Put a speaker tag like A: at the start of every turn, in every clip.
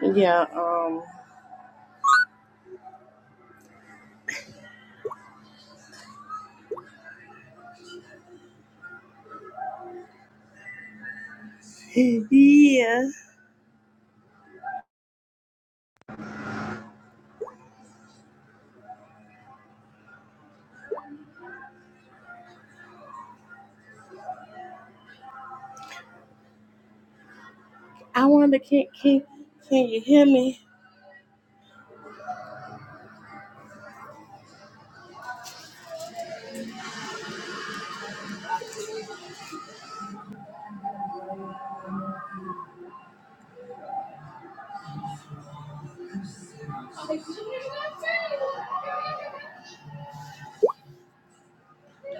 A: Yeah, um, yeah. I wonder, can can can you hear me?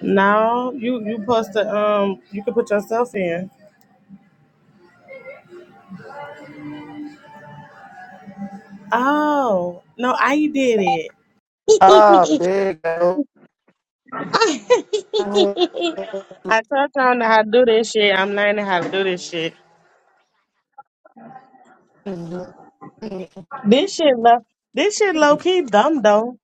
A: No, you you supposed to um, you can put yourself in. Oh no, I did it.
B: Ah, there you go.
A: I told y'all how to do this shit. I'm learning how to do this shit.
B: Mm-hmm.
A: This shit low, this shit low key dumb though,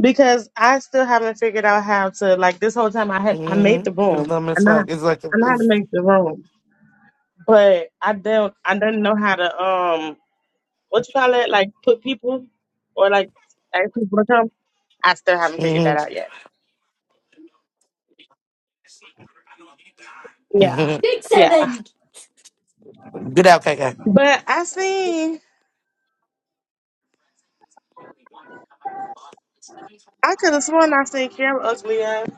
A: because I still haven't figured out how to like this whole time. I had I made the
B: It's not
A: room. I
B: Miss
A: know how,
B: Flag. It's like
A: I know how to
B: it's,
A: make the room, but I don't I didn't know how to um. what you call it? Like put people or like ask people to come. I still haven't figured that
B: mm-hmm.
A: out yet. Yeah,
B: Mhm.
A: yeah.
B: Get out, KK.
A: But I seen I could have sworn I seen Karen ugly ass.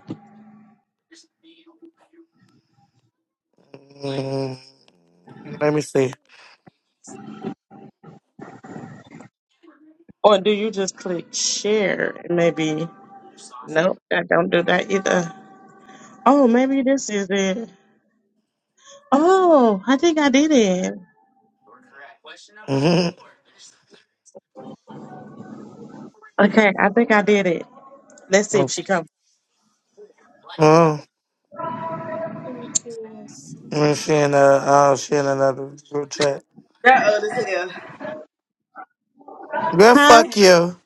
B: mm Let me see.
A: Or do you just click share? and Maybe nope, I don't do that either. Oh, maybe this is it. Oh, I think I did it.
B: Mm-hmm.
A: Okay, I think I did it. Let's see if she comes.
B: Oh, and she in a oh, she in another group chat.
C: That old as hell.
B: Girl,
A: Huh?
B: fuck you.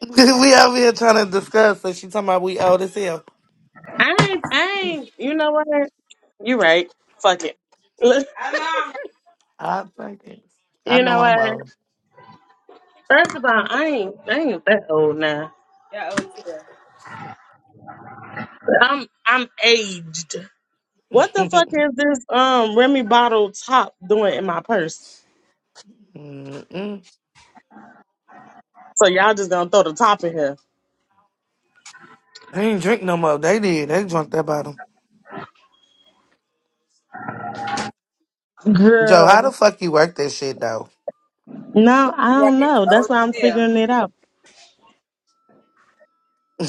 B: we over here trying to discuss, and she talking about we old as hell.
A: I ain't, I ain't. You know what? You're right. Fuck it.
C: I'm on.
B: I think it. I
A: you
B: know
A: know
B: I'm
A: what?
B: old.
A: First of all, I ain't I ain't that old now.
C: That old as hell.
A: I'm I'm aged. What the fuck is this um Remy bottle top doing in my purse?
B: Mm-mm.
A: So y'all just gonna throw the top in here.
B: I ain't drink no more. They did. They drunk that bottle. Joe, how the
A: Girl.
B: fuck you work that shit though?
A: No, I don't know. That's why I'm
C: Hell.
A: figuring it out.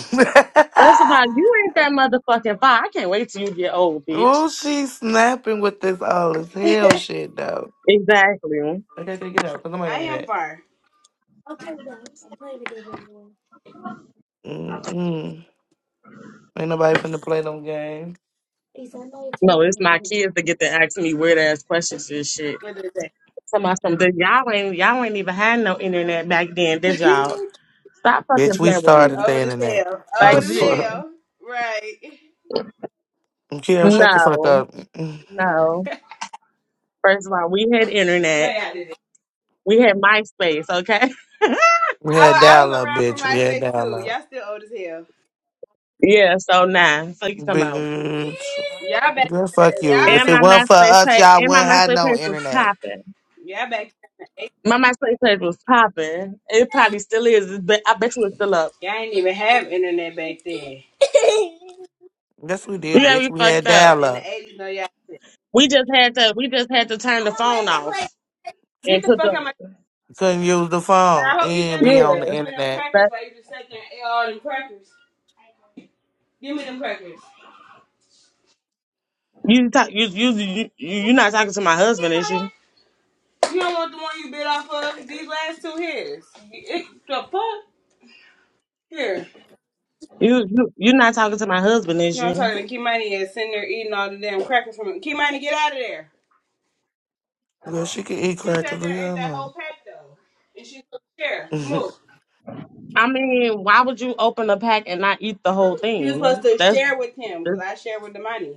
A: First of all, you ain't that motherfucking far. I can't wait till you get old, bitch.
B: oh, she snapping with this all as hell shit though.
A: Exactly.
B: Okay, okay, get out. Cause nobody
C: I
B: gonna hear
C: am
B: that.
C: far.
B: Mm-mm. Ain't nobody finna play no game.
A: No, it's my kids that get to ask me weird ass questions and shit.
C: What did it
A: Somebody some did y'all ain't y'all ain't even had no internet back then,
C: say?
A: did y'all? Stop
B: Bitch,
A: fucking
B: we
A: playing with
B: started
A: me.
B: the
C: old as
B: internet.
C: hell.
B: The
C: Old
A: Like,
C: as
B: fuck?
A: dude.
C: hell. Right.
B: Kim, shut the fuck
A: No,
B: up. Mm-mm.
A: no. First of all, we had
C: No,
A: internet.
C: y'all didn't.
A: We had MySpace, okay?
B: We had
C: I, I was
B: dial up,
C: around for
B: bitch. We had
C: MySpace
B: dial
C: too.
B: up.
C: Y'all still old as hell.
A: Yeah, so nah. So you talking about
B: Bitch.
C: Y'all back.
B: Girl, fuck you.
C: Y'all
B: If
A: and
B: it
C: back.
A: my
B: weren't for
A: MySpace
B: us,
A: page
B: y'all
A: and my
B: wouldn't have
A: MySpace
B: no
A: page was
B: internet.
A: popping.
C: Y'all back.
A: My MySpace page was popping. It probably still is, but I bet you it's still up.
C: Y'all ain't even have internet back then.
B: Yes, we
A: You
B: did,
A: got
B: bitch.
A: me
B: We
A: fucked
B: had
C: Yeah,
A: up.
B: dial
C: in
B: up.
C: the eighties, no, y'all.
A: We just had to we just had to turn the phone off
C: Get
A: and
C: the
A: put
C: fuck out of
A: the
C: my.
B: Couldn't use the
C: And
B: phone
C: I hope you gave
B: and
A: Yeah,
C: my
B: be on
C: baby
B: the
C: some of them
B: internet.
C: crackers
A: but
C: while you just sat there and ate all them crackers. Give me them crackers.
A: you talk you you you you're not talking to my
C: Here,
A: husband, is you?
C: Maria. You don't want the one you bit off of. These last two his. It, the fuck? Here.
A: You you you're not talking to my husband,
C: You
A: is
C: know I'm
A: you?
C: talking to Kimani is sitting there eating all the damn crackers from it. Kimani, get out of there.
B: Girl, she could eat
C: She
B: crack
C: sat there
B: leave
C: and ate
B: her
C: that whole
B: alone.
C: pack though. And she supposed to share. Move.
A: I mean, why would you open a pack and not eat the whole
C: She was supposed
A: thing?
C: to
A: That's,
C: share with him because
A: that's
C: I share with the money.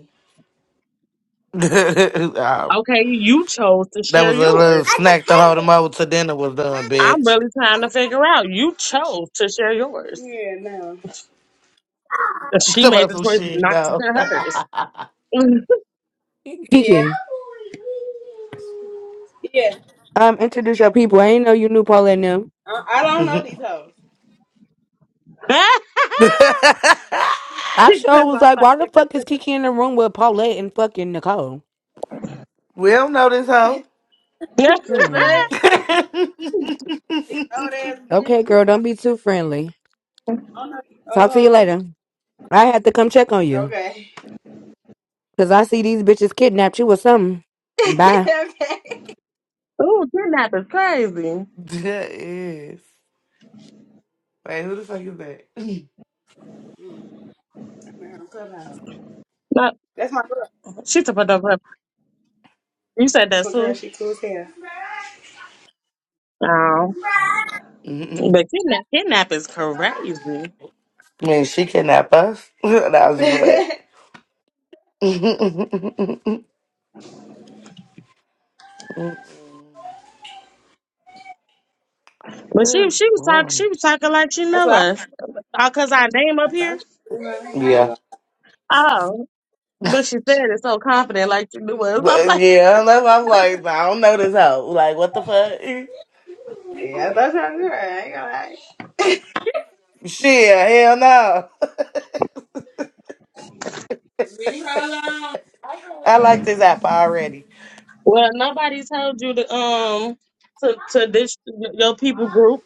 B: Oh,
A: okay. You chose to
B: that
A: share
C: Money.
B: was a little
A: yours.
C: As a
B: snack to hold
C: parent.
B: him over till dinner was done,
C: Money.
A: I'm
B: bitch.
A: really
C: As a-
A: trying to
C: parent.
A: figure out. You chose to share yours.
C: yeah, no.
A: And She
B: Talk
A: made
B: about
A: the
B: some
A: choice
B: shit,
A: not to
B: no.
A: share
C: Oh.
A: hers. because
C: Yeah.
D: Kiki,
C: Yeah.
D: um, introduce your people. I ain't know you knew Paulette and them.
C: I, I don't know these
B: Mhm.
C: hoes.
D: I sure was
A: I
D: like, why the
A: fucking
D: fuck is Kiki in the room with Paulette and fucking Nicole?
B: we don't know this hoe.
A: yeah.
C: The
D: Hmm.
C: fuck?
B: that
C: These old ass
D: Okay,
C: bitches.
D: girl, don't be too friendly.
C: Oh
D: Talk to you
C: hoes.
D: later. I had to come check on you.
C: Okay.
D: Cause I see these bitches kidnapped you or something. Bye.
C: okay.
A: Ooh, kidnap is crazy.
B: is. Wait, who the fuck is that?
C: Mm, I'm in her clubhouse.
A: No,
C: That's my girl.
A: she took it over. You said
C: That's
A: that
C: my girl.
A: too.
C: She cool as hell.
A: Oh,
B: Mm-mm.
A: but kidnap, kidnap is crazy.
B: Man, she kidnapped us. that was fun.
A: But
B: Yeah.
A: she she was talking she
B: Well,
A: was talking like she
C: That's
A: know
C: why I,
A: us. Uh, cause our name up
C: I
A: here.
C: thought you were her. I ain't
B: Yeah.
C: gonna-
A: But she said it so confident, like she knew what. I'm
B: But,
A: like,
B: Yeah, unless I'm like, I don't know this hoe. Like, what the fuck?
C: Yeah, I thought you were her. I ain't gonna lie.
B: Shit, hell no.
C: Leave her alone.
B: I like this app already.
A: well, nobody told you to um to to this your people group.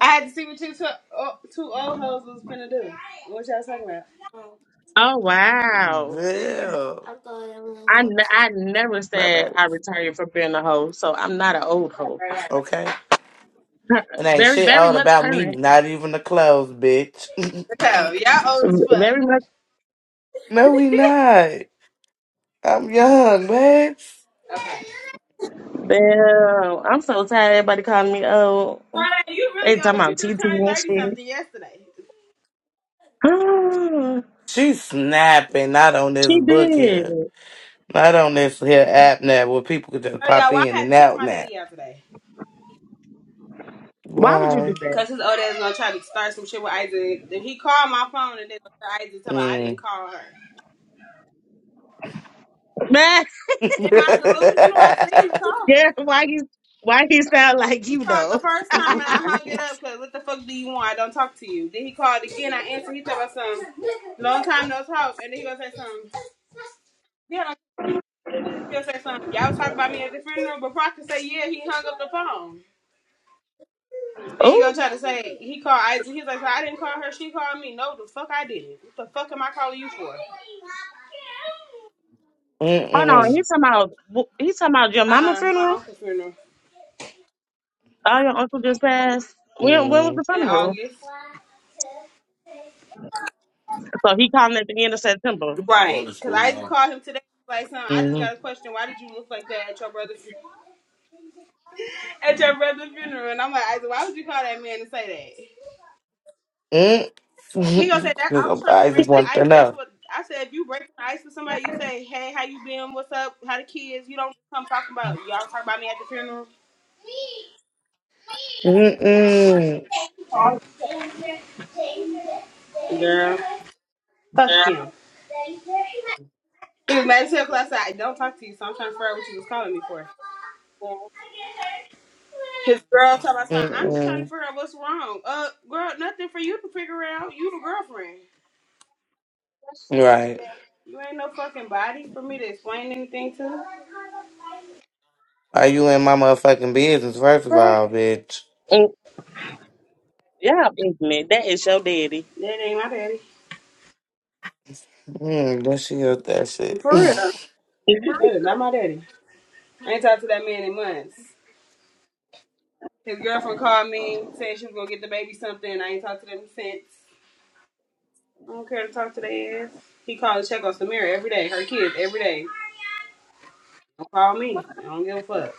C: I had to see what you two, oh, two old hoes was finna do. What y'all talking about?
A: Oh wow,
C: Yeah.
B: Damn.
A: I n- I never
B: My
A: said
B: bad.
A: I retired from being a hoe, so I'm not an old hoe.
B: Okay. And ain't
A: very
B: shit
A: very
B: all
A: much
B: about me,
A: current,
B: not even the clothes, bitch.
C: So y'all old as fuck.
A: very much.
B: no, we not. I'm young, bitch.
C: Okay.
A: Damn, I'm so tired. of Everybody calling me old.
C: Friday, you
A: They
C: really
A: talking
C: old. You
A: about
C: just
A: TT
C: turned
A: and shit.
C: thirty something yesterday.
B: She snapping, not on this
A: she
B: book
A: did.
B: here. Not on this here app now where people could just
C: Bro,
B: pop
C: y'all, why I
B: in
C: had to
B: and
C: cuss
B: out
C: my daddy out today.
A: Why would you do
B: Why?
A: that,
C: Cause his old ass gonna try to start some shit with Isaac. Then he called my phone and then Isaac talk about I didn't
B: Mm.
C: call her.
A: man?
C: In my delusional, I seen him call.
A: Yeah, why you why he sound like
C: He
A: you
C: called the
A: though?
C: first time and I hung it up. Cause what the fuck do you want? I don't talk to you. Then he called again. I answered. He talk about some long time no talk. And then he gonna say something. Yeah, like, he gonna say something. Y'all was talking about me at the funeral. Before I could say yeah, he hung up the phone. Then he
A: Oh,
C: gonna try to say he called Isaac. He's like, I didn't call her. She called me. No, the fuck I didn't. What the fuck am I calling you for?
A: hold on.
B: Mm-mm.
A: He's talking about he's talking about your
C: Uh
A: mama
C: uh my
A: funeral.
C: uncle's funeral
A: Oh, your uncle just passed. When when was
B: Mm-mm.
A: the
C: in
A: funeral?
C: August.
A: So he called at the end of September.
C: Right, cause Isaac called him today. Like, son, I just
B: Mm-mm.
C: got a question. Why did you look like that at your brother's funeral? At your brother's funeral, and I'm like, Isaac, why would you call that man and say that?
B: Mm.
C: He gonna say that
B: Because
C: I was trying to
B: Isaac
C: break the
B: wants to
C: ice. That's
B: know.
C: what I said. If you break the ice with somebody, you say, "Hey, how you been? What's up? How the kids?" You don't come talking about y'all talk about me at the funeral.
B: Mm-mm.
C: Girl,
A: Yeah,
C: fuck him. He was mad as hell because I said I don't talk to you, so I'm trying to figure out what you was calling me for. His girl told my son, "I'm just trying to
B: Mm-mm.
C: figure out what's wrong." Uh, girl, nothing for you to figure out. You the girlfriend.
B: Right.
C: You ain't no fucking body for me to explain anything to.
B: Are you in my motherfucking business, first of
C: Right?
B: all, bitch?
A: Mm, yeah, ignorant. That is your daddy.
C: That ain't my daddy.
B: Mm, Then she shit, that shit.
C: For real. That is not my daddy. I ain't talked to that man in months. His girlfriend called me, said she was gonna get the baby something. I ain't talked to them since. I don't care to talk to their ass. He called to check on Samira every day, her kids every day. Don't call me. I don't give a fuck.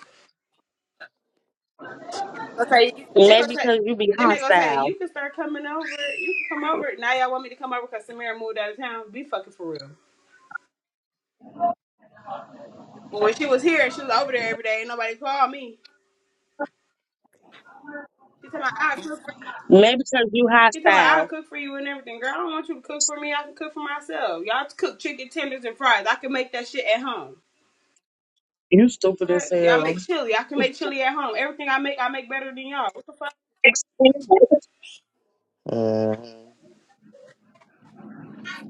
C: Okay, they
A: Maybe
C: gonna say,
A: because you be
C: then they gonna say,
A: hostile.
C: you can start coming over. You can come over. Now y'all want me to come over because Samira moved out of town. Be fucking for real. But when she was here and she was over there every day, and nobody called me. She told me I cook for
A: Maybe because you
C: you. she told me I
A: hostile.
C: cook for you and everything. Girl, I don't want you to cook for me. I can cook for myself. Y'all cook chicken tenders and fries. I can make that shit at home.
A: You stupid as
C: Right? Y'all
A: hell.
C: make chili. I can make chili at home. Everything I make, I make better than y'all. What the fuck?
B: mm.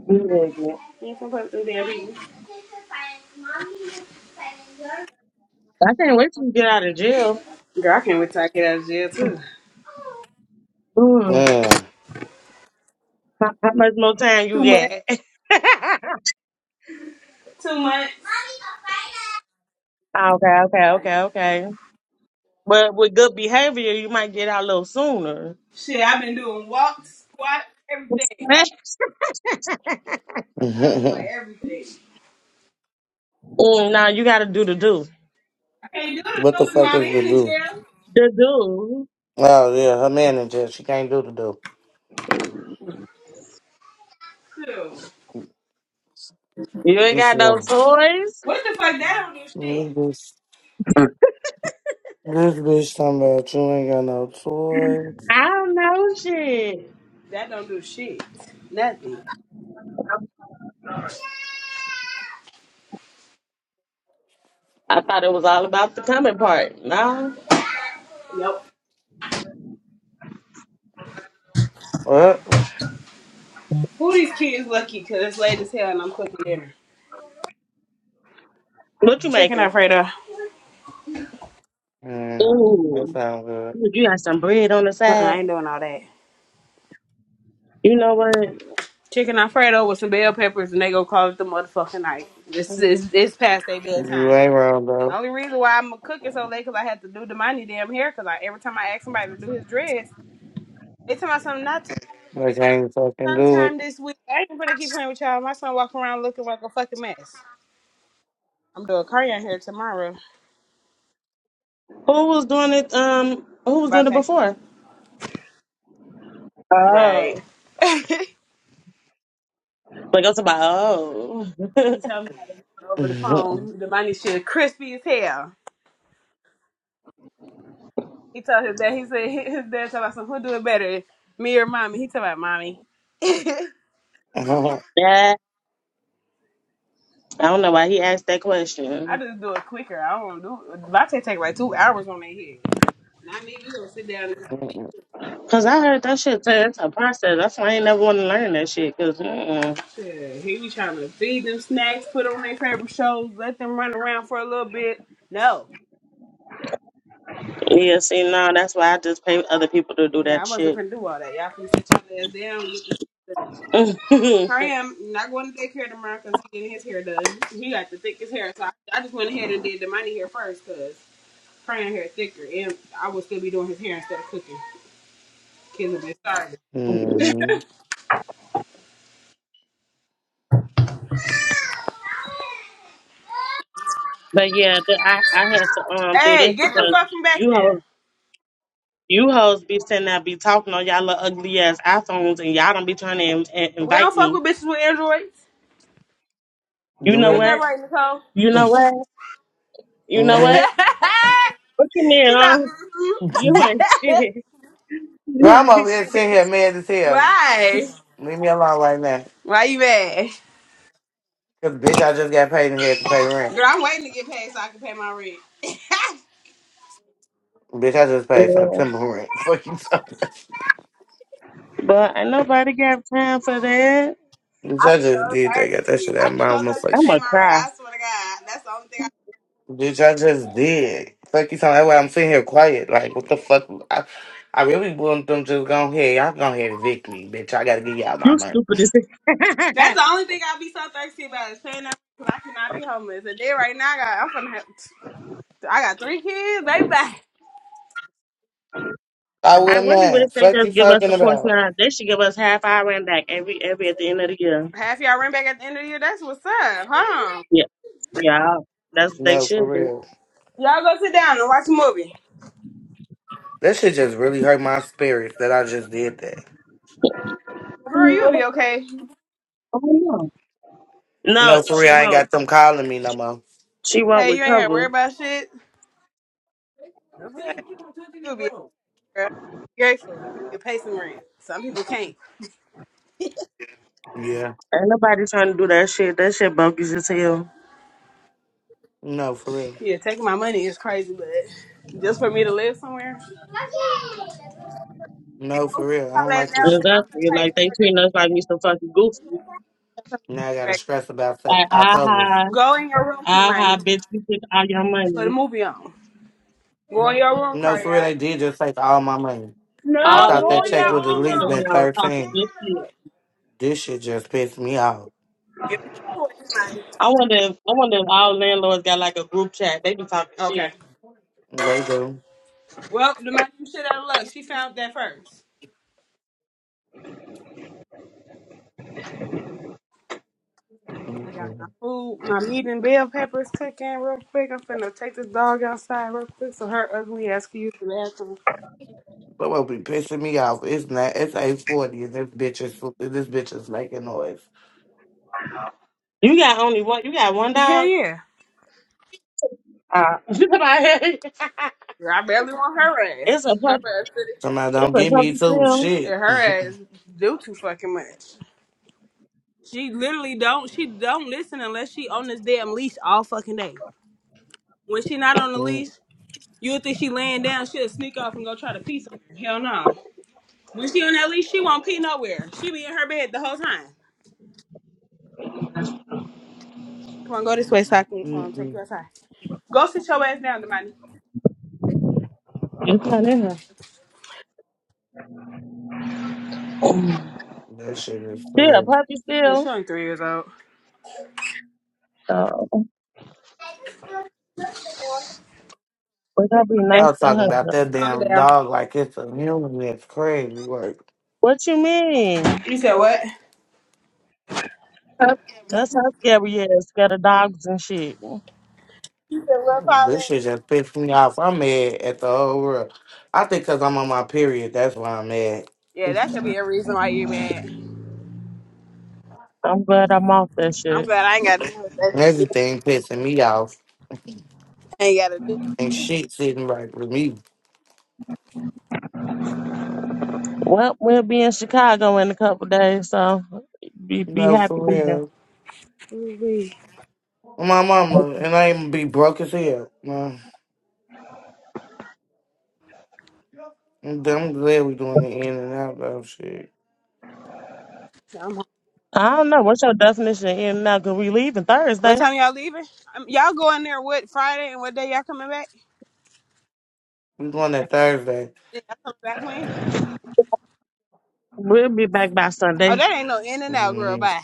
A: You ignorant.
C: You ain't supposed to do that, baby.
A: I can't wait till you get out of jail.
C: Girl, I can't wait till I get out of jail too.
A: Mm.
B: Yeah.
A: How, how much more time you
C: Two months.
A: got?
C: Two months.
A: okay, okay, okay, okay. But with good behavior, you might get out a little sooner.
C: Shit, I've been doing walks, squats, everything.
A: Mm,
C: I've been doing everything.
A: now you gotta do the do.
C: I can't do it
B: what the
C: though with
B: fuck
C: my
B: is the do?
C: manager.
A: The do.
B: Oh, yeah, her manager. She can't do the do.
C: Too.
A: You ain't
B: Be
A: got no
B: sure.
A: toys?
C: What the fuck? That don't do shit.
B: This bitch talking about you ain't got no toys,
A: I don't know shit.
C: That don't do shit. Nothing.
A: I thought it was all about the coming part. No.
C: Nope.
B: What?
C: Who these kids lucky? Cause it's late as hell and I'm cooking dinner.
A: What you
C: Chicken
A: making?
C: Alfredo.
B: Mm, that
A: Ooh.
B: sounds good.
A: You got some bread on the
C: Uh-uh, I ain't
A: side.
C: doing all that.
A: You know what?
C: Chicken Alfredo with some bell peppers and they gonna call it the motherfucking night. This is it's past their
B: You
C: bedtime.
B: ain't wrong
C: The
B: though.
C: only reason why I'm cooking so late cause I had to do the money damn hair cause I, every time I ask somebody to do his dress, they tell me something not to.
B: I can't fucking do
C: sometime
B: it.
C: this week. I ain't gonna keep playing with y'all. My son walking around looking like a fucking mess. I'm doing cardio here tomorrow.
A: Who was doing it? Um, who was doing it
C: Bate.
A: before?
C: Right.
A: Oh.
C: he
A: Like I was about oh.
C: told me how to do it over the phone. The money shit crispy as hell. He told his dad. He said he- his dad told about some who do it better, me or mommy. He told about mommy. I
A: yeah. I don't know why he asked that question.
C: just do it quicker. I don't do. Bate take like two hours on their head. Not me. We gonna sit down and
B: hmm
A: Cause I heard that shit turn into a process. That's why I ain't never want to learn that shit. because
C: shit. He be trying to feed them snacks, put on their favorite shows, let them run around for a little bit. No.
A: Yeah, see, no, that's why I just pay other people to do
C: Yeah, I
A: that
C: wasn't
A: shit.
C: finna do all that. Y'all can sit your ass down. with this- Kareem not going to daycare tomorrow because he getting his hair done. He got the thickest hair, so I, I just went ahead and did the money hair first because Kareem hair thicker, and I will still be doing his hair instead of cooking. Kids will be starving.
A: but yeah, the, I I had to um do
C: Hey,
A: this
C: get the
A: because
C: fuck from back
A: you hoes
C: there.
A: you hoes be sitting there be talking on y'all little ugly ass iPhones and y'all don't be trying to in, in-
C: We
A: invite
C: don't fuck
A: me.
C: with bitches with androids.
A: You
B: Do
A: know
C: Ain't
B: it.
A: what?
C: that right, Nicole?
A: You know what? You know
B: hmm
A: what? What you mean?
C: She's like,
A: Huh? You ain't
C: mm-mm.
A: shit. You
B: Grandma
A: ain't
B: over here
A: shit.
B: sitting here mad as hell.
C: why?
B: Leave me alone right now.
C: Why you mad?
B: Cause bitch, I just got paid and had to pay rent.
C: Girl, I'm waiting to get paid so I can pay my rent.
B: Bitch, I just paid
A: Yeah.
B: September rent. Fuck you talking. about?
A: But ain't nobody got time for that.
B: Bitch,
C: I'm
B: I just
C: so
B: did that. Got that
C: thirsty.
B: shit out
C: I'm
B: of my
C: so thirsty to
B: motherfucker.
C: pay
A: I'ma
C: my rent.
A: cry.
C: I swear to God, that's the only thing. I,
B: Bitch, I just did. Fuck you talking that way. I'm sitting here quiet. Like, what the fuck? I, I really want them just go ahead. Y'all go ahead and evict me, bitch. I gotta give y'all my
A: You
B: money.
A: stupid as
C: that's the only thing I be so thirsty about is paying that because I cannot be homeless. And then right now, I got, I'm from. I got three kids, baby.
B: I
A: I
B: wouldn't
A: wonder what if
B: have.
A: they
B: Fuck you
A: just give us
B: talking
A: the portion
B: about?
A: of they should give us half our rent back every every at the end of the year.
C: Half y'all rent back at the end of the year. That's what's up, huh?
A: Yeah, yeah, that's what they
B: No, for
A: should do.
B: real.
C: Y'all go sit down and watch a movie.
B: That shit just really hurt my spirits that I just did that.
C: Girl, you'll be okay.
A: Oh no,
B: No,
A: no,
B: for
A: she
B: real. I ain't
A: won't.
B: got them calling me no more.
A: She won't
C: Hey, you ain't gotta worry
A: recover.
C: about shit. That's okay. You'll be okay. Grateful. You can pay some rent. Some people can't.
B: Yeah.
A: Ain't nobody trying to do that shit. That shit bogus as hell.
B: No, for real.
C: Yeah, taking my money is crazy, but just for me to live somewhere,
B: No,
C: go
B: for
C: sit
B: real. I
C: your
B: don't
C: ass
B: like this
C: down somewhere.
B: shit.
C: I'm finna
A: Exactly.
C: pay
A: Like they treating
C: your
A: us like we some fucking goofy.
C: hair
B: Now I gotta
C: back.
B: stress about
A: Like
B: Sep- October.
A: aha,
C: Go in your room,
A: aha,
C: Kimani.
A: bitch, we took all your
C: Put a
A: money.
C: movie on. Go in your room,
B: No,
C: Cardi.
B: for real. They did just take all my money. I
A: All
C: No,
A: the
B: thought
C: go
B: that
C: in your
B: check
A: landlords
B: would at
A: be
C: own
A: sitting
B: least been
C: room.
A: around talking
B: 13.
A: good shit.
B: This shit just pissed me off.
C: Give me a toy, Kimani.
A: I wonder if I wonder if all landlords got like a group chat. They be talking shit.
C: Okay.
B: They do.
C: Well, the man you shit out of luck. She found that first. I got my
B: Mm-mm.
C: food, my meat and bell peppers cooking real quick. I'm finna take this dog outside real quick so her ugly ass can use the bathroom.
B: Someone be pissing me off. It's not. It's eight forty, and this bitch is this bitch is making noise.
A: You got only one. You got one
C: Hell
A: dog.
C: yeah.
A: Uh, like,
C: Yeah, I barely want her
A: it's a
C: ass. Her
A: pup.
C: ass, sit-
B: Somebody don't
A: It's a
B: give me
A: puppy
B: two
A: still.
B: shit.
C: yeah, her ass do too fucking much. She literally don't. She don't listen unless she on this damn leash all fucking day. When she not on the
B: Mm-mm.
C: leash, you would think she laying down. She'll sneak off and go try to pee somewhere. Hell no. When she on that leash, she won't pee nowhere. She be in her bed the whole time. Come on, go this way so I can um take you
B: that
C: outside. Go sit your ass down, Demani.
A: It's not in her.
B: shit is
A: She a
B: crazy.
A: puppy
C: Yeah, she
A: still.
C: only three years old.
A: So
C: Calm
A: we gotta be
C: down.
B: I
A: nice
B: was
A: to
B: talking about
A: her.
B: that
C: Calm
B: damn
C: down.
B: dog like it's a human. It's crazy. Like
A: What you mean?
C: You said what?
A: That's how scary it is. Scared of dogs and shit.
C: You said what,
B: this
C: Paula?
B: shit just pissed me off. I'm mad at the whole world. I think because I'm on my period, that's why I'm mad.
C: Yeah, that should be a reason why you mad.
A: I'm glad I'm off that
C: I'm
A: shit.
C: glad I ain't got to deal with that shit.
B: Everything pissing me off,
C: I ain't got to do.
B: and shit sitting right with me.
A: Well, we'll be in Chicago in a couple days, so be be
B: No,
A: happy to
B: for
A: be there.
B: real.
C: Ooh-wee.
B: My mama and I even be broke as hell. No, I'm I'm glad we doing the in and out though. Shit,
C: I'm- like,
A: I don't know. What's your definition of in now? Cause we leaving
C: What
A: Thursday.
C: time y'all leaving? Um, y'all going there what Friday and what day y'all coming back?
B: we doing that Thursday.
C: Coming back when?
A: We'll be back by
C: Oh,
A: Sunday.
C: that ain't no in and out, girl.
B: hmm
C: Bye.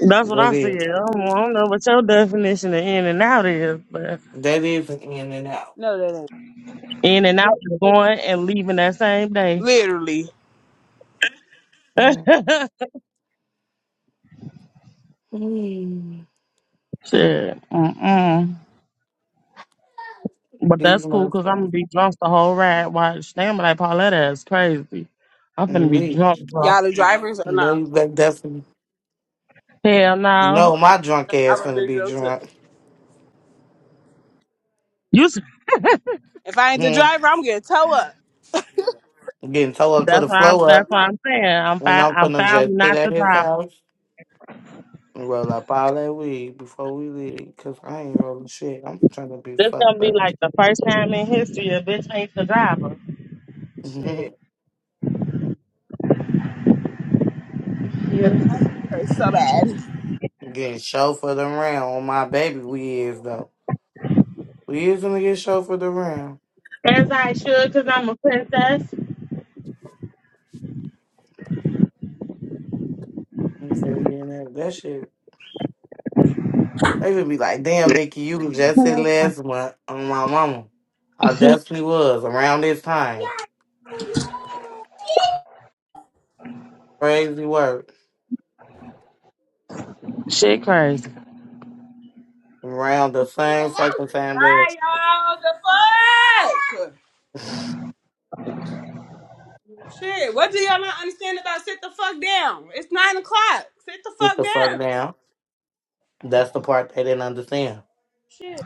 A: That's what I
B: That
A: said. I
B: is
A: don't, I don't know what your definition of in and out is, but.
B: that is an in and out.
C: No, that ain't.
A: In and out is going and leaving that same day.
C: Literally,
B: Mhm.
A: Shit. Mm-mm. But
B: These
A: that's cool because I'm
B: motherfuckers
A: going to be drunk the whole ride. Watch. Damn, like Pauletta is crazy. I'm going
B: and
A: to be
B: me.
A: drunk, bro.
C: y'all the drivers or no?
B: They, they definitely
A: Hell no.
B: know my drunk
C: I
B: ass
C: would
B: finna
C: do
B: be
C: them too.
B: drunk.
A: You, s-
C: If I ain't the
B: Hmm.
C: driver, I'm getting tow up.
B: Getting towed up to
A: that's
B: the
A: why I'm,
B: flow
A: that's
B: up,
A: what
C: Come on,
A: I'm saying. I'm,
B: and
A: fi-
B: I'm
A: I'm
B: finna
A: finally
B: just sit
A: not
B: at
A: the
B: his
A: driver.
B: house and roll up all that weed before we leave. Cause I ain't rolling shit. I'm trying to be
A: This going to
B: fucked
A: be
B: up.
A: like the first time in history a bitch ain't the driver.
C: shit, hurts so bad.
B: Getting show for the round on my baby. We is though. We is gonna get show for the round.
A: As I should because I'm a princess.
B: I'm just gonna be in that that shit. They gonna be like, damn, Nikki, you was just here last month on my mama. I definitely was around this time. Crazy work.
A: Shit crazy.
B: Around the same fucking time last.
C: Bye, y'all. The fuck. Shit, what do y'all not understand about sit the fuck down? It's nine o'clock. Sit the
B: Get
C: fuck
B: the fuck
C: down.
B: down. That's the part they didn't understand.
C: Shit.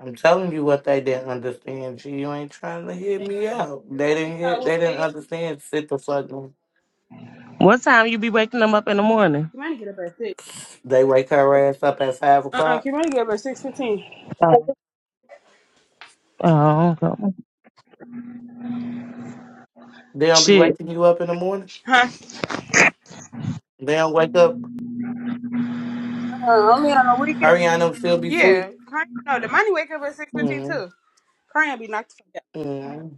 B: I'm telling you what they didn't understand. G, you ain't trying to hit
C: Thank
B: me
C: you all.
B: out. They didn't.
C: I
B: Hit,
C: will
B: they didn't
C: say it.
B: understand. Sit the fuck down.
A: what time you be waking them up in the morning?
C: Kimani get up at six.
B: They wake her ass up at five
C: Uh-uh,
B: o'clock.
C: Kimani get up at six fifteen.
A: Oh, oh okay.
B: They don't be
A: Shit,
B: waking you up in the morning.
C: Huh?
B: They don't wake up.
C: Uh, only on a weekend.
B: Ariana still be
C: Yeah.
B: asleep.
C: Kanye, no, the money wake up at six fifteen too.
B: Mm-hmm.
C: Kanye be knocked the fuck
B: Mm-hmm.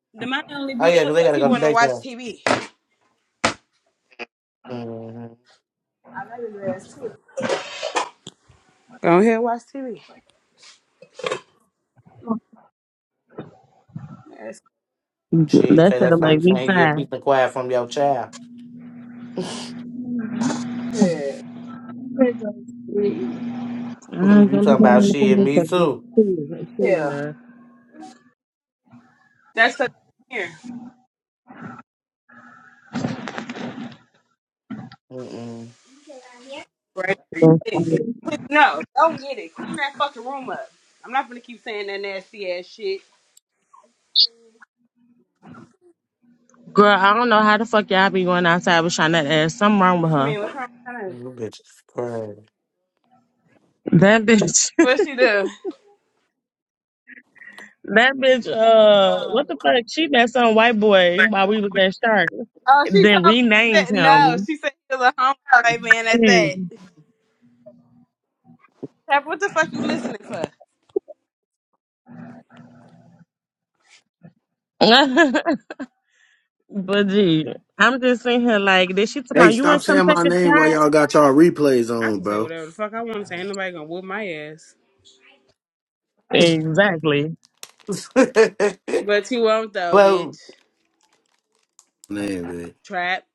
C: out. The money only
B: Oh
C: be
B: yeah,
C: up
B: 'cause they
C: because
B: gotta
C: he
B: go to
C: wanna watch
B: daycare.
C: TV. I
B: Mm-hmm.
C: love his ass too. Go ahead, watch TV. That's
B: She
A: that
B: say
A: shit'll
B: that's something
A: make
B: you
A: me
B: can't get
A: cry.
B: peace and quiet from your child. you
C: good.
A: I ain't gonna
B: talking
A: look down
B: about
A: the
B: shit?
A: comments
B: Me
A: like this.
B: too.
A: Please, like, singing
C: Yeah. That's the here.
B: Mm-mm.
C: Right there. You get it. Clean- No, don't get it. Clean that fucking room up. I'm not gonna keep saying that nasty ass shit.
A: Girl, I don't know how the fuck y'all be going outside with Shonette ass. Something wrong with
C: What you
A: her.
C: mean? What's wrong with her?
B: You bitch
A: That bitch,
C: What she do?
A: that bitch, uh, what the fuck? She met some white boy while we was at Shark.
C: Oh, she
A: Then
C: told me. She
A: renamed
C: said no.
A: him.
C: She said she's a homeless white man at
A: Shit.
C: that. Tap, what the fuck you listening for?
A: but gee, I'm just sitting here like, did she talking
E: Hey,
A: about you
E: stop
A: ain't come
E: saying
A: take
E: my
A: a
E: name while y'all
A: shot?
E: got y'all replays
C: I
E: on,
C: can say
E: bro.
C: whatever the fuck I want to say. Ain't nobody gonna whoop my ass.
A: Exactly.
B: is crazy.
C: But you won't though,
B: but
C: bitch.
E: Name, man.
C: Trap,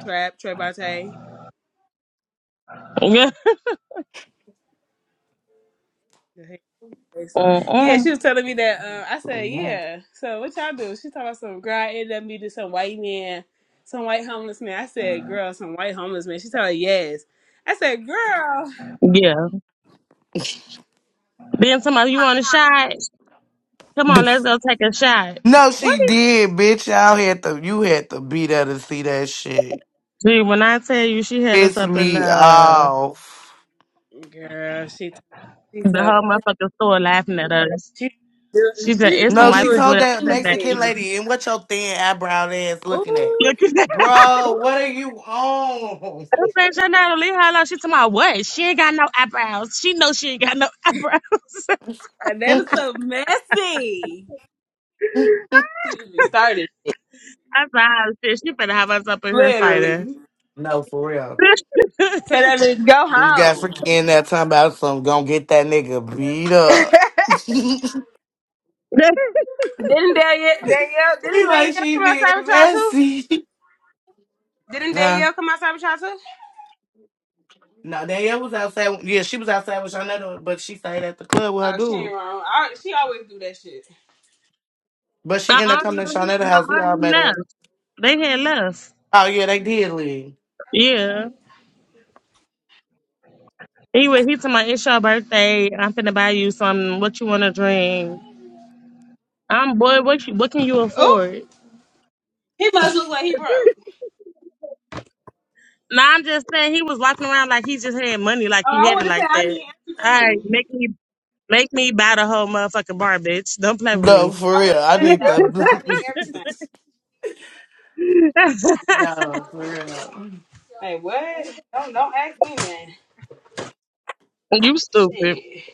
C: trap, trapate.
A: uh-uh.
C: Yeah, she was telling me that. Uh, I said,
B: no.
C: "Yeah." So what y'all do? She talking about some girl. I ended up meeting some white man, some white homeless man. I said, "Girl, some white homeless man." She told her, "Yes." I said, "Girl,
A: Yeah. Then somebody, you want a shot? Come on, let's go take a shot.
B: no,
A: What?
B: she did, bitch. Y'all had to. You had to be there to see that shit.
A: Gee, when I tell you she had us
B: Piss
A: up in
B: me
A: the,
B: off.
C: girl." She she
A: the
C: told
A: whole motherfucking store laughing at us.
C: she do-
A: She said,
C: she just
A: it's some
C: be
B: No,
A: white
B: she
C: doing
A: people
B: told
A: that was
B: that
A: sitting there
B: Mexican
C: anything.
A: eating.
B: lady, and what your thin eyebrow ass looking at?
C: Ooh,
A: Look at that.
B: Bro, what are you on?
A: I said, Janelle, leave her alone. She talking about what? She ain't got no eyebrows. She know she ain't got no eyebrows.
C: like that is so messy. She just be started
A: I said, oh, shit, she better have us up in here fighting.
C: literally.
B: no, for real.
C: Tell that bitch go
B: You got
C: home.
B: freaking that time about some Gonna get that nigga beat up.
C: didn't
B: we
C: Danielle, Danielle, didn't Danielle
B: like she
C: come
B: being
C: outside with y'all too?
B: messy.
C: Didn't
B: Huh?
C: Danielle come outside with y'all too?
B: No, Danielle was outside. Yeah, she was outside with Shawnetta, but she stayed at the club with her
C: Oh, she ain't
B: dude.
C: wrong. I, she always do that shit.
B: But
A: uh-uh, no,
B: she ended up coming to
A: uh-uh,
B: Shawnetta's house. We all
A: he
B: met up.
A: left. They had left.
B: Oh, yeah, they did leave.
A: Yeah.
C: Okay.
A: Anyway, he told my it's your birthday. I'm finna buy you something. What you wanna drink? I'm boy. What you, what can you
C: Oh,
A: afford?
C: he must look like he broke.
A: Nah, I'm just saying he was walking around like he just had money, like
C: Oh,
A: he
C: I
A: had
C: would
A: it
C: have said
A: like
C: I
A: that.
C: need
A: All right,
C: everything.
A: make me make me buy the whole motherfucking bar, bitch. Don't play with
B: No,
A: me.
B: for
C: I would
B: real.
C: have
B: I
C: said
B: need
C: that. I would have said I need everything.
B: that. No, for real.
C: Hey, what? Don't don't ask me man.
A: you stupid.
C: Shit.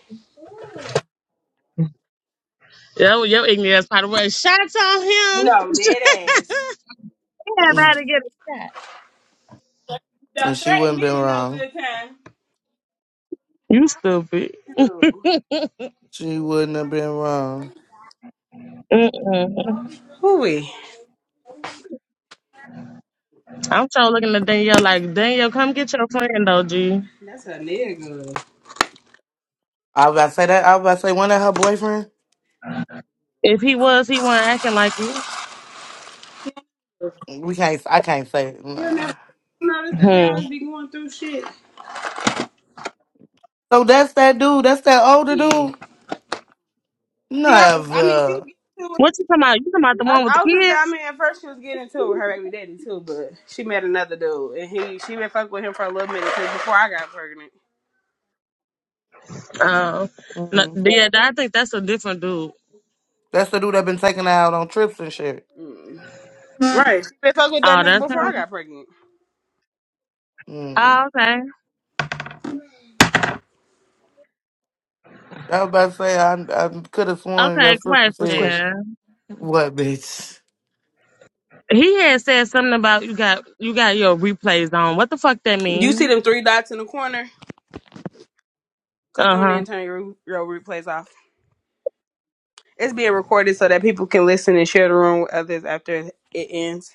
A: Yo, your ignorant ass probably was shots on him.
C: No, dead ass.
A: Everybody get a shot.
B: and
C: Don't
B: she
C: threaten
B: wouldn't
C: me
B: been
C: with no
B: wrong.
C: good time.
A: You stupid.
C: Too.
B: She wouldn't have been wrong.
A: Mm-mm.
C: Hooey.
A: I'm trying looking at Danielle like Danielle, come get your friend though, G.
C: That's a nigga.
B: I was about to say that. I was about to say one of her boyfriends.
A: If he was, he wasn't acting like it.
B: We can't. I can't say
C: You know,
B: no.
C: notice that they
A: Hmm.
C: always be going through shit.
B: So that's that dude. That's that older
C: Yeah.
B: dude.
C: She, I, I mean, she was
B: Never.
C: getting to it.
A: What you talking about? You talking about the one with the
C: I, I was gonna say, I
A: kids?
C: mean, at first she was getting to it with her baby daddy too, but she met another dude, and he she been fucking with him for a little minute 'cause before I got pregnant.
A: Oh, no,
B: Mm.
A: yeah. I think that's a different dude.
B: That's the dude that been taking her out on trips and shit.
C: Mm. Right, she been fucking with that
A: Oh,
C: nigga
A: that's
C: before I
A: him.
C: got pregnant.
B: Mm.
A: Oh, okay.
B: I was about to say I, I could have sworn your
A: Okay,
B: sister
C: What's the
B: said
C: question?
A: question.
B: what, bitch.
A: He had said something about you got you got your replays on. What the fuck that
C: You see
A: mean?
C: them three dots in the corner? Click
A: Uh
C: on there
A: huh.
C: and turn your, your replays off. It's being recorded so that people can listen and share the room with others after it ends.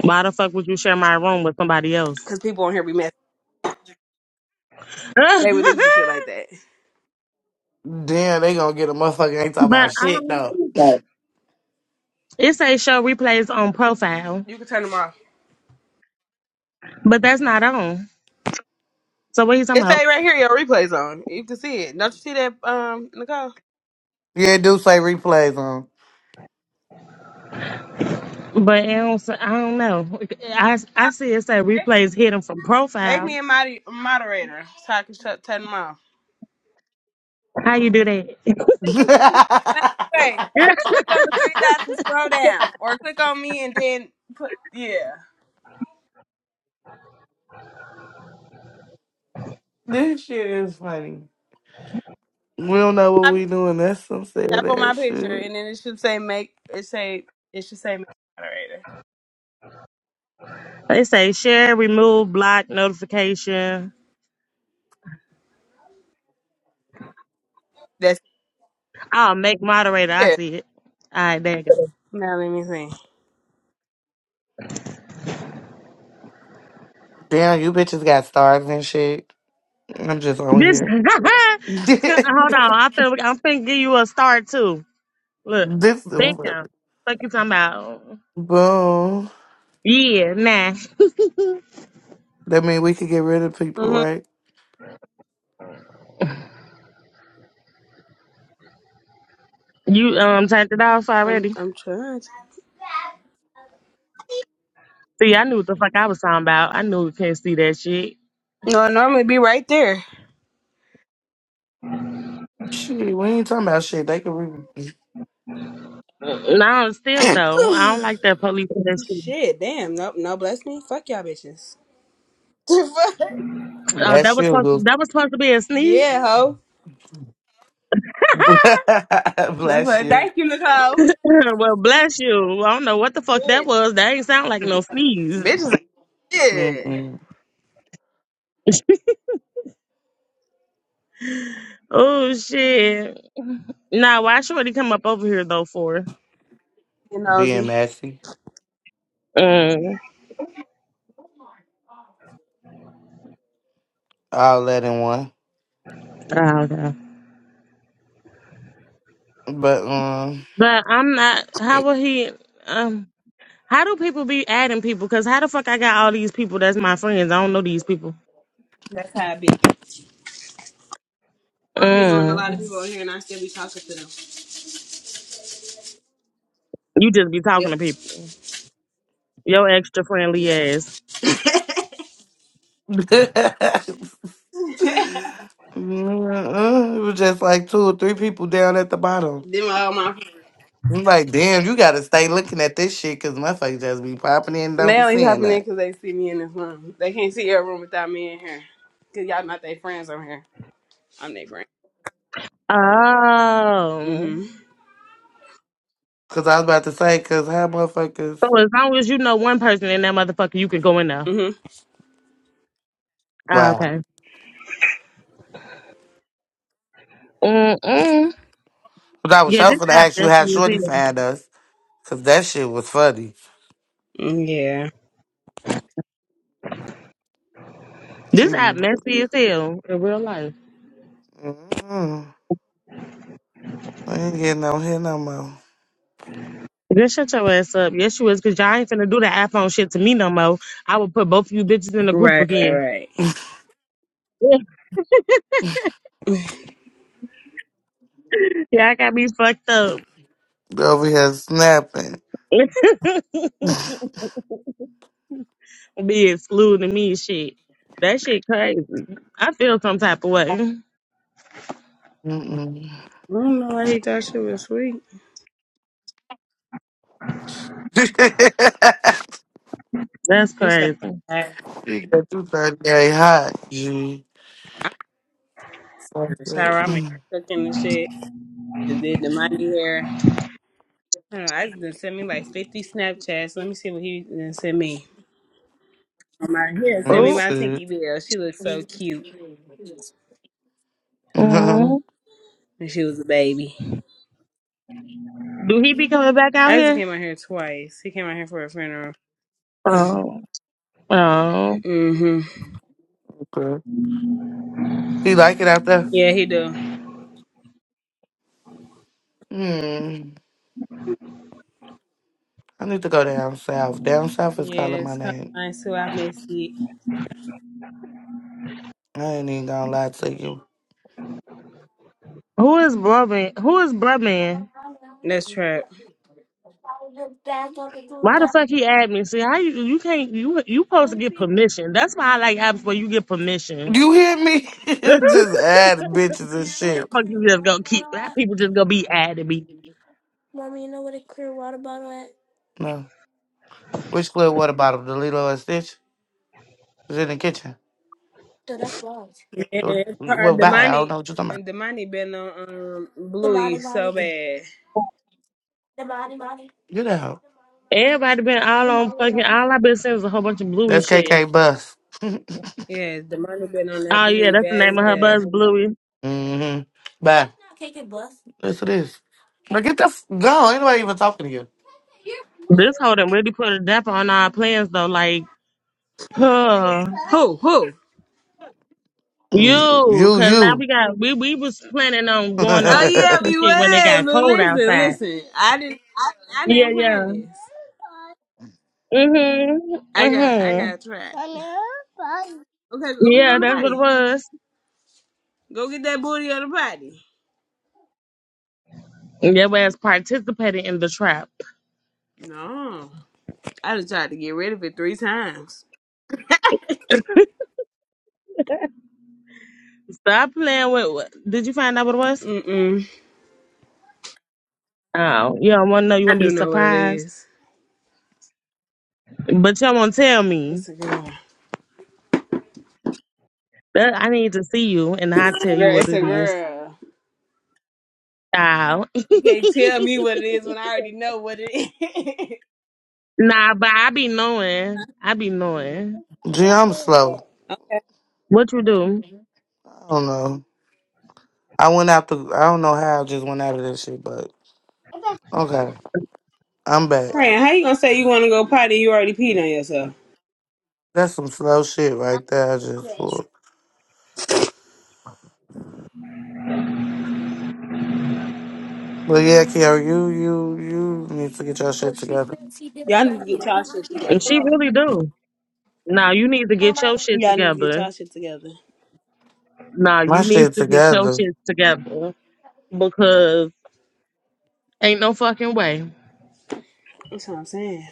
A: Why the fuck would you share my room with somebody else?
C: Cause people on here be messy.
A: but I
C: They would do some shit like that.
B: Damn, they gonna get a motherfucker. Ain't talking about shit
A: don't
B: though.
A: like It say show replays on profile,
C: You can turn them off.
A: but that's not on. So what he talking
C: It
A: about?
C: say right here your replays on. You can see it. Don't you see that, um, Nicole?
B: Yeah, do say replays on.
A: But I don't, I don't know. I I see it say replays hidden from
C: Make
A: profile.
C: me a mod- moderator so I can shut turn them off.
A: How you do that?
C: Wait, click on the three dots and scroll down, or click on me and then put yeah.
B: This shit is funny. We don't know what
C: My pic-
B: we doing. That's some
C: Tap
B: sad
C: on my
B: ass
C: picture
B: shit.
C: and then it should say make it say it should say make moderator.
A: they say share, remove, block, notification.
C: That's
A: Oh, make moderator. I
C: it.
A: see it. All right, there you go.
C: Yeah. Now let me see.
B: Damn, you bitches got stars and shit. I'm just on
A: This
B: here. this
A: hold on. I feel like I'm finna give you a star too. Look,
B: is
A: damn. Fuck you talking about?
B: boom.
A: Yeah, nah.
B: That mean we could get rid of people,
C: Mhm.
B: right?
A: You um turned it off
C: I'm
A: already.
C: I'm trying. To.
A: See, I knew what the fuck I was talking about. I knew you can't see that shit.
C: No, it normally be right there.
B: Shit, we ain't talking about shit. They could re-
A: No, still though. I don't like that police in that shit.
C: Shit, damn. Nope, no bless me. Fuck y'all bitches.
A: Oh, that
B: blast
A: was
B: you,
A: supposed
B: goose.
A: that was supposed to be a sneeze.
C: yeah, ho. That's
B: Bless
C: what-
B: you.
C: Thank you, Nicole.
A: well, bless you. I don't know what the fuck that was. That ain't sound like no sneeze.
C: Bitches Yeah.
B: Mm-mm.
A: Oh shit. Nah, why should he come up over here though for?
C: You
B: Being
C: nosy.
B: messy,
A: Mm.
B: all that in one.
A: Oh, okay.
B: But um,
A: But I'm not. How will he? Um. How do people be adding people? Cause how the fuck I got all these people that's my friends? I don't know these people.
C: That's how it be. I don't be knowing a lot of
A: Mm.
C: people on here, and I still be talking to them.
A: You just be
C: Yep.
A: talking to people. Your extra friendly
C: Yep.
A: ass.
B: Mm, uh, it was just like two or three people down at the bottom.
C: them all my friends.
B: I'm like, damn, you gotta stay looking at this shit because motherfuckers just be popping in and don't
C: They
B: be
C: only
B: seeing
C: popping in
B: that.
C: 'cause they see me in this room. They can't see your room without me in here. Cause y'all not their friends over here. I'm their friend.
A: Oh.
C: Mhm.
B: Because I was about to say, because how motherfuckers.
A: So as long as you know one person in that motherfucker, you can go in there.
C: Mhm. Mm,
A: Ah,
B: Wow.
A: okay. Mm-mm.
B: But I was
A: Yeah,
B: sure
A: this
B: for to
A: app
B: ask you how
A: messy as
B: Shorty
A: hell.
B: found us because that shit was funny.
C: hmm. Yeah.
B: She
A: This app
B: be.
A: messy as hell in real life.
B: Mm-hmm. I ain't getting on here no more.
A: Just shut your ass up. Yes, you is, because y'all ain't finna do that iPhone shit to me no more. I would put both of you bitches in a group
C: Right. Right.
A: again.
C: Right.
A: yeah, I got me fucked up.
B: Be Over here snapping.
A: Be excluding me and shit. That shit crazy. I feel some type of way.
B: Mm-mm.
C: I don't know why he thought she was sweet.
A: That's
C: It's like
A: crazy.
C: I-
B: she got you 38 hot, G.
C: I'm
B: Fuck
C: in the
B: that.
C: shower. I'm in
B: Mm.
C: cooking and shit. Just did the money hair. I don't know, I just done sent me like 50 Snapchats. Let me see what he done sent me. Oh, My, he done sent
B: Oh,
C: me
A: Oh.
C: my Tinky
B: shit.
C: Bell. She looked so cute
A: mm-hmm.
C: when she was a baby.
A: Do he be coming back out
C: I just
A: here?
C: came out here twice. He came out here for a funeral.
A: Oh, oh.
C: Mm-hmm.
B: okay. You like it out there?
C: Yeah, he do.
B: Hmm. I need to go down south. Down south is
C: Yeah,
B: calling my
C: it's kind
B: name.
C: of nice too. I miss it.
B: I ain't even gonna lie to you.
A: Who is Brubman? Who is Brubman?
C: That's trap.
A: Why the fuck he add me? See, how you you can't you you supposed to get permission. That's why I like apps where you get permission.
B: You hear me? Just add bitches and
A: The
B: shit.
A: Fuck, you just gonna keep that people just gonna be adding me.
B: No. Which clear water bottle? The Lilo and Stitch? It's in the kitchen.
C: Yeah,
B: So,
C: it's hard.
B: well, bye. I don't
C: Damani,
B: know what you're talking about.
C: and Damani been on um, Bluey so bad.
B: Get out.
A: Everybody been all on fucking all I've been seeing is a whole bunch of Bluey
B: That's
A: shit.
B: KK Bus.
C: Yeah, Damani been on that
A: Oh yeah,
C: Bluey
A: that's the
C: bad
A: name of her buzz,
C: as
A: Bluey.
B: hmm Bye. Yes, it is. Now get the f- go. Ain't nobody even talking to you.
A: This whole done really put a damper on our plans though. Like,
C: hell.
A: huh?
C: Who? Who?
B: Mm,
A: You,
B: You,
A: cause now
B: you.
A: we got we we was planning on going on
C: Oh
A: trips
C: yeah,
A: and
C: we
A: shit when it
C: was.
A: got
C: But
A: cold
C: listen,
A: outside.
C: listen. I didn't. I, I
A: Yeah,
C: didn't plan
A: yeah.
C: this.
A: Mhm.
C: I got. I
A: Mhm.
C: got trapped. Okay, go get
A: Yeah,
C: on the
A: that's what it
C: potty.
A: was.
C: Go get that booty on the potty.
A: Your ass participated in the trap.
C: No, I just tried to get rid of it three times.
A: Stop playing with. what- Did you find out what it was?
C: Mm mm.
A: Oh, you don't want to know. You
C: I
A: want to be
C: do know what it
A: surprised,
C: is.
A: but you don't want to tell me.
C: It's a girl.
A: That, I need to see you, and I'll tell you
C: Girl,
A: what
C: it's a
A: it is.
C: girl.
A: Oh.
C: You can't tell me what it is when I already know what it is.
A: nah, but I be knowing. I be knowing
B: Gee, I'm slow.
C: Okay.
A: what you do.
B: I don't know. I went out the. I don't know how I just went out of this shit, but okay, I'm back.
C: Fran, how you gonna say you wanna go potty? You already peed on yourself.
B: That's some slow shit right there. I just for. But yeah, Kiara, you you you need to get your shit together.
C: Y'all need to get y'all shit
A: And
C: together.
A: She really do. Now you need to get your shit
C: Y'all need to get
A: together.
C: y'all shit together.
A: Now
B: My
A: you need
B: shit
A: to get your
B: together.
A: shit together because ain't no fucking way.
C: That's what I'm saying.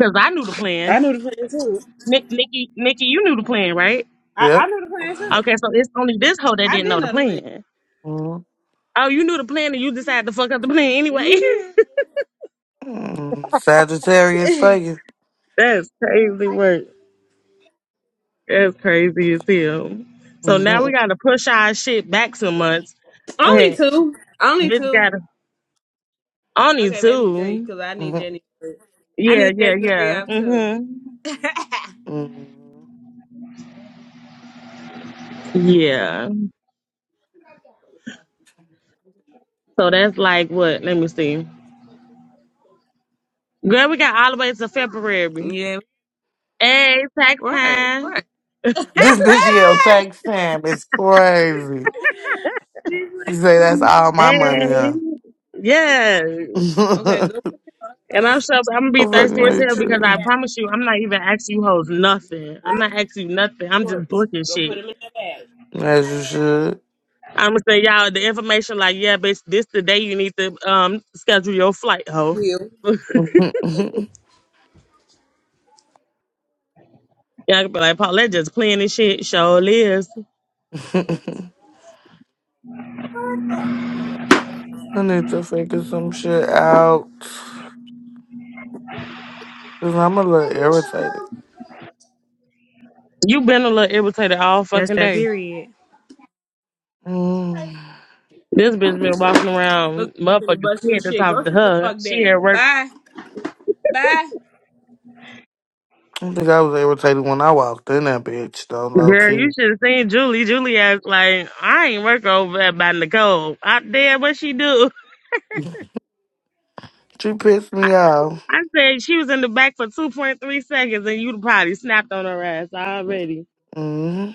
A: Cause I knew the
C: I
A: plan.
C: knew the plan too.
A: Nick, Nikki, Nikki, you knew the plan, right?
C: I, I
B: Yep.
C: knew the plan too.
A: Okay, so it's only this hoe that
C: I
A: didn't
C: did
A: know the
C: know the plan.
A: plan.
B: Hmm.
A: Oh, you knew the plan and you decided to fuck up the plan anyway.
C: hmm
B: mm Sagittarius for you.
A: That's crazy work. That's crazy as hell. So now we
B: Mhm.
A: gotta push our shit back some months,
C: Only
A: and
C: two. Only
A: this
C: two.
A: gotta only
C: Okay, maybe three,
A: two.
C: because I need
B: Mhm.
C: January. I
A: Yeah,
C: need
A: yeah,
C: January
A: yeah.
C: off too.
A: Mhm.
B: Mhm.
A: Yeah. So that's like what? Let me see. Girl, we got all the way to February.
C: yeah.
A: Hey, tax
C: Right.
A: time.
C: Right.
B: This bitch yell tax time. It's crazy. She say that's all my money,
A: Hey.
B: huh?
A: Yeah.
C: okay,
B: I
C: go put
A: And I'm sure I'm gonna be thirsty
B: fucking
A: as
C: shorts
B: hate
A: hell
C: up
A: because
C: in the
A: I
B: you.
C: bathroom.
A: promise you, I'm not even asking you hoes nothing. I'm not asking you nothing. I'm just
C: Shorts.
A: booking
C: Go put
A: shit.
C: them in the bag.
B: As you
A: I'm gonna say y'all the information like, yeah, bitch, this the day you need to um schedule your flight, hoe.
C: Will.
B: should.
A: Y'all gonna be like, Paulette just playing this shit. Sure is.
B: I need to figure some shit out. Cause I'm a little irritated.
A: You been a little irritated all
C: That's
A: fucking
C: that
A: day.
C: period.
B: Mm.
A: This bitch been walking
C: Look,
A: around
C: you finna
A: motherfuckers
C: bust your
A: scared to
C: shit.
A: talk
C: Go
A: to
C: sit the
A: her.
C: fuck
A: She
C: down.
A: at work.
C: Bye. Bye.
B: I think I was irritated when I walked in that bitch, though, low
A: Girl, you
B: key.
A: should have seen Julie. Julie asked like, I ain't work over at by Nicole. I damn what she do.
B: She pissed
A: I,
B: me off.
A: I said she was in the back for two point three seconds and you probably snapped on her ass already.
B: Mm-hmm.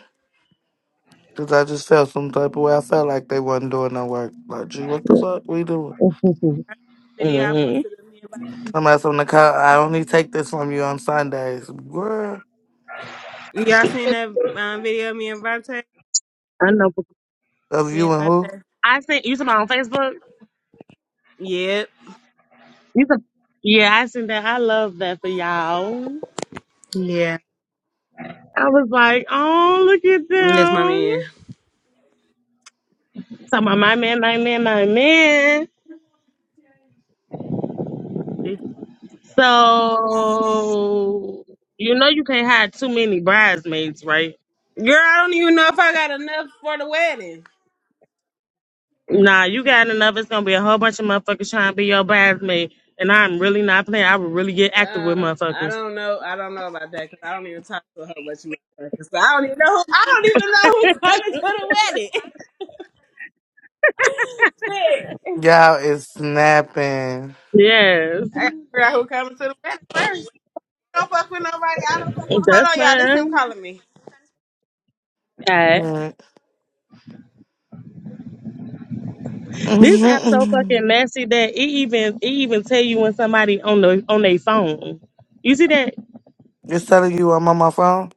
B: Cause I just felt some type of way. I felt like they wasn't doing no work. Like, gee, what the fuck we doing?
C: Video I
A: Mhm.
C: posted of me and Vontae.
B: I'm asking the cop, I only take this from you on Sundays. Girl,
C: Y'all seen that um, video of me and Vontae?
A: I know.
B: of
C: Me
B: you
C: and
B: and who?
C: Vontae.
A: I sent you something on Facebook.
C: Yep.
A: You some, yeah, I seen that. I love that for y'all.
C: Yeah.
A: I was like, oh, look at
C: That's my man.
A: them. Talking about my man, my man, my man. So you know you can't have too many bridesmaids, right?
C: Girl, I don't even know if I got enough for the wedding.
A: Nah, you got enough. It's gonna be a whole bunch of motherfuckers trying to be your bridesmaid, and I'm really not playing. I would really get active with
C: Um, I
A: motherfuckers.
C: don't know. I don't know about that because I don't even talk to a whole bunch of anymore. So I don't even know. Who, I don't even know who coming to the wedding.
B: Y'all is snapping.
A: Yes,
C: I gotta figure out who coming to the wedding first. don't fuck with nobody. I don't fuck with.
A: that's
C: Hold on, y'all. This him
A: fine.
C: calling me.
A: Alright.
B: Right.
A: This app so fucking
B: it's
A: nasty that it even it even tell you when somebody on the on their phone. You see that?
B: telling you I'm on my phone?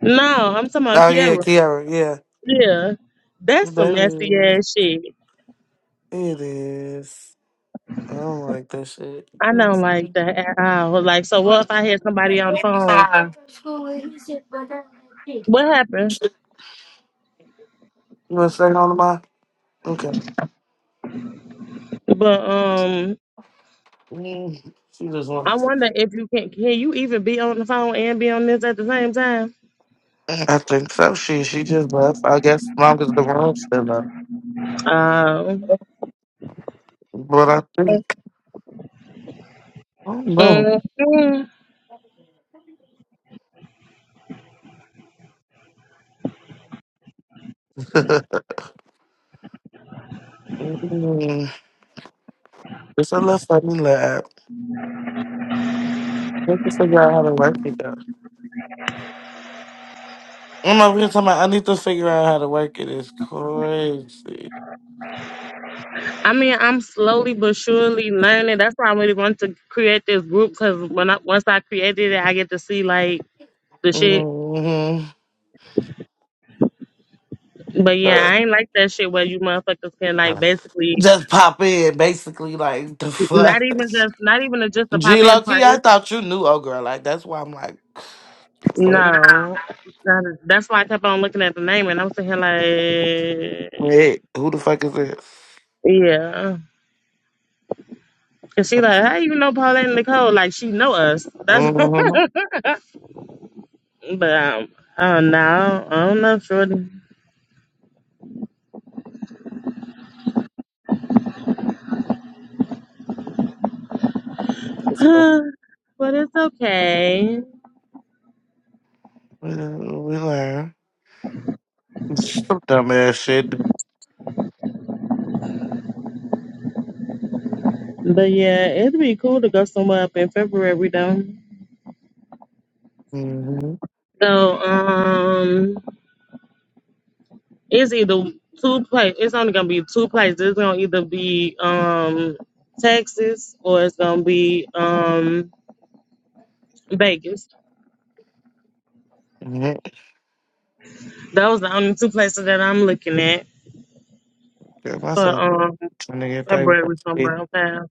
A: No, I'm talking about
B: Oh yeah,
A: Kiara.
B: Kiara. Yeah,
A: Yeah, that's some
B: that
A: nasty
B: is.
A: ass shit.
B: It is. I don't like that shit.
A: I
B: You
A: don't like that at all. Like, so what if I had somebody on the phone? What happened?
B: want to say on to my? Okay.
A: But um,
B: Mm, She just
A: I
B: wanted to.
A: wonder if you can can you even be on the phone and be on this at the same time?
B: I think so. She she just left. I guess mom is the wrong still up.
A: Um.
B: But I think I don't know.
A: mhm.
B: mm, it's a left for me lab. I have to figure out how to work it though. I'm over here talking about I need to figure out how to work it. It's crazy.
A: I mean, I'm slowly but surely learning. That's why I really want to create this group because when I, once I created it, I get to see like the shit.
B: Mm-hmm.
A: But yeah, I ain't like that shit where you motherfuckers can like basically
B: just pop in, basically, like the
A: not
B: fuck.
A: even just not even a, just a pop
B: G
A: in
B: low key,
A: party.
B: I thought you knew, oh girl. Like that's why I'm like, fuck,
A: No, it's not a- that's why I kept on looking at the name, and I'm sitting here like,
B: wait, who the fuck is this?
A: yeah, and she like, how you know Paulette and Nicole? Like she know us. That's
B: Mm-hmm.
A: but um, oh no, I don't know, Shorty, but it's okay.
B: We we learn some dumbass shit.
A: But yeah, it'd be cool to go somewhere up in February though.
B: Mm-hmm.
A: So um, it's either two places. It's only gonna be two places. It's gonna either be um Texas or it's gonna be um. Vegas.
B: mm-hmm.
A: Those the only two places that I'm looking at
B: My
A: for
B: son
A: um
B: trying to get that.
A: February from
B: shit.
A: around town.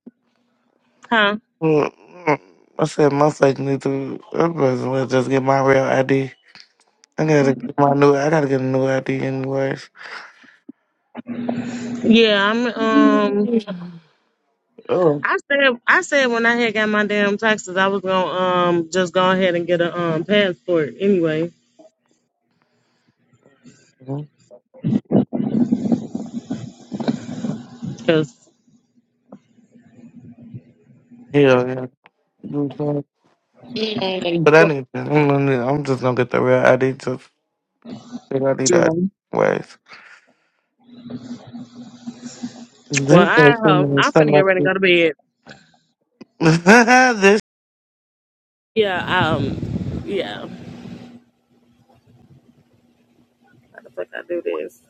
A: Huh?
B: Mm, mm. I said my son need to. I'm gonna just get my real ID. I gotta get my new. I gotta get a new ID anyways.
A: Yeah, I'm um
B: Oh,
A: I said I said when I had got my damn taxes I was gonna um just go ahead and get a um passport anyway.
B: mhm.
A: Cause
B: yeah, yeah. You know what I'm saying? But I
A: fuck
B: need. to- I'm gonna- I'm just gonna get the real ID. They don't need that
A: Jerome.
B: ways.
A: Well
B: Drink
A: I um I'm finna get ready to go to bed.
B: This
A: Yeah, um yeah. How the fuck I do this?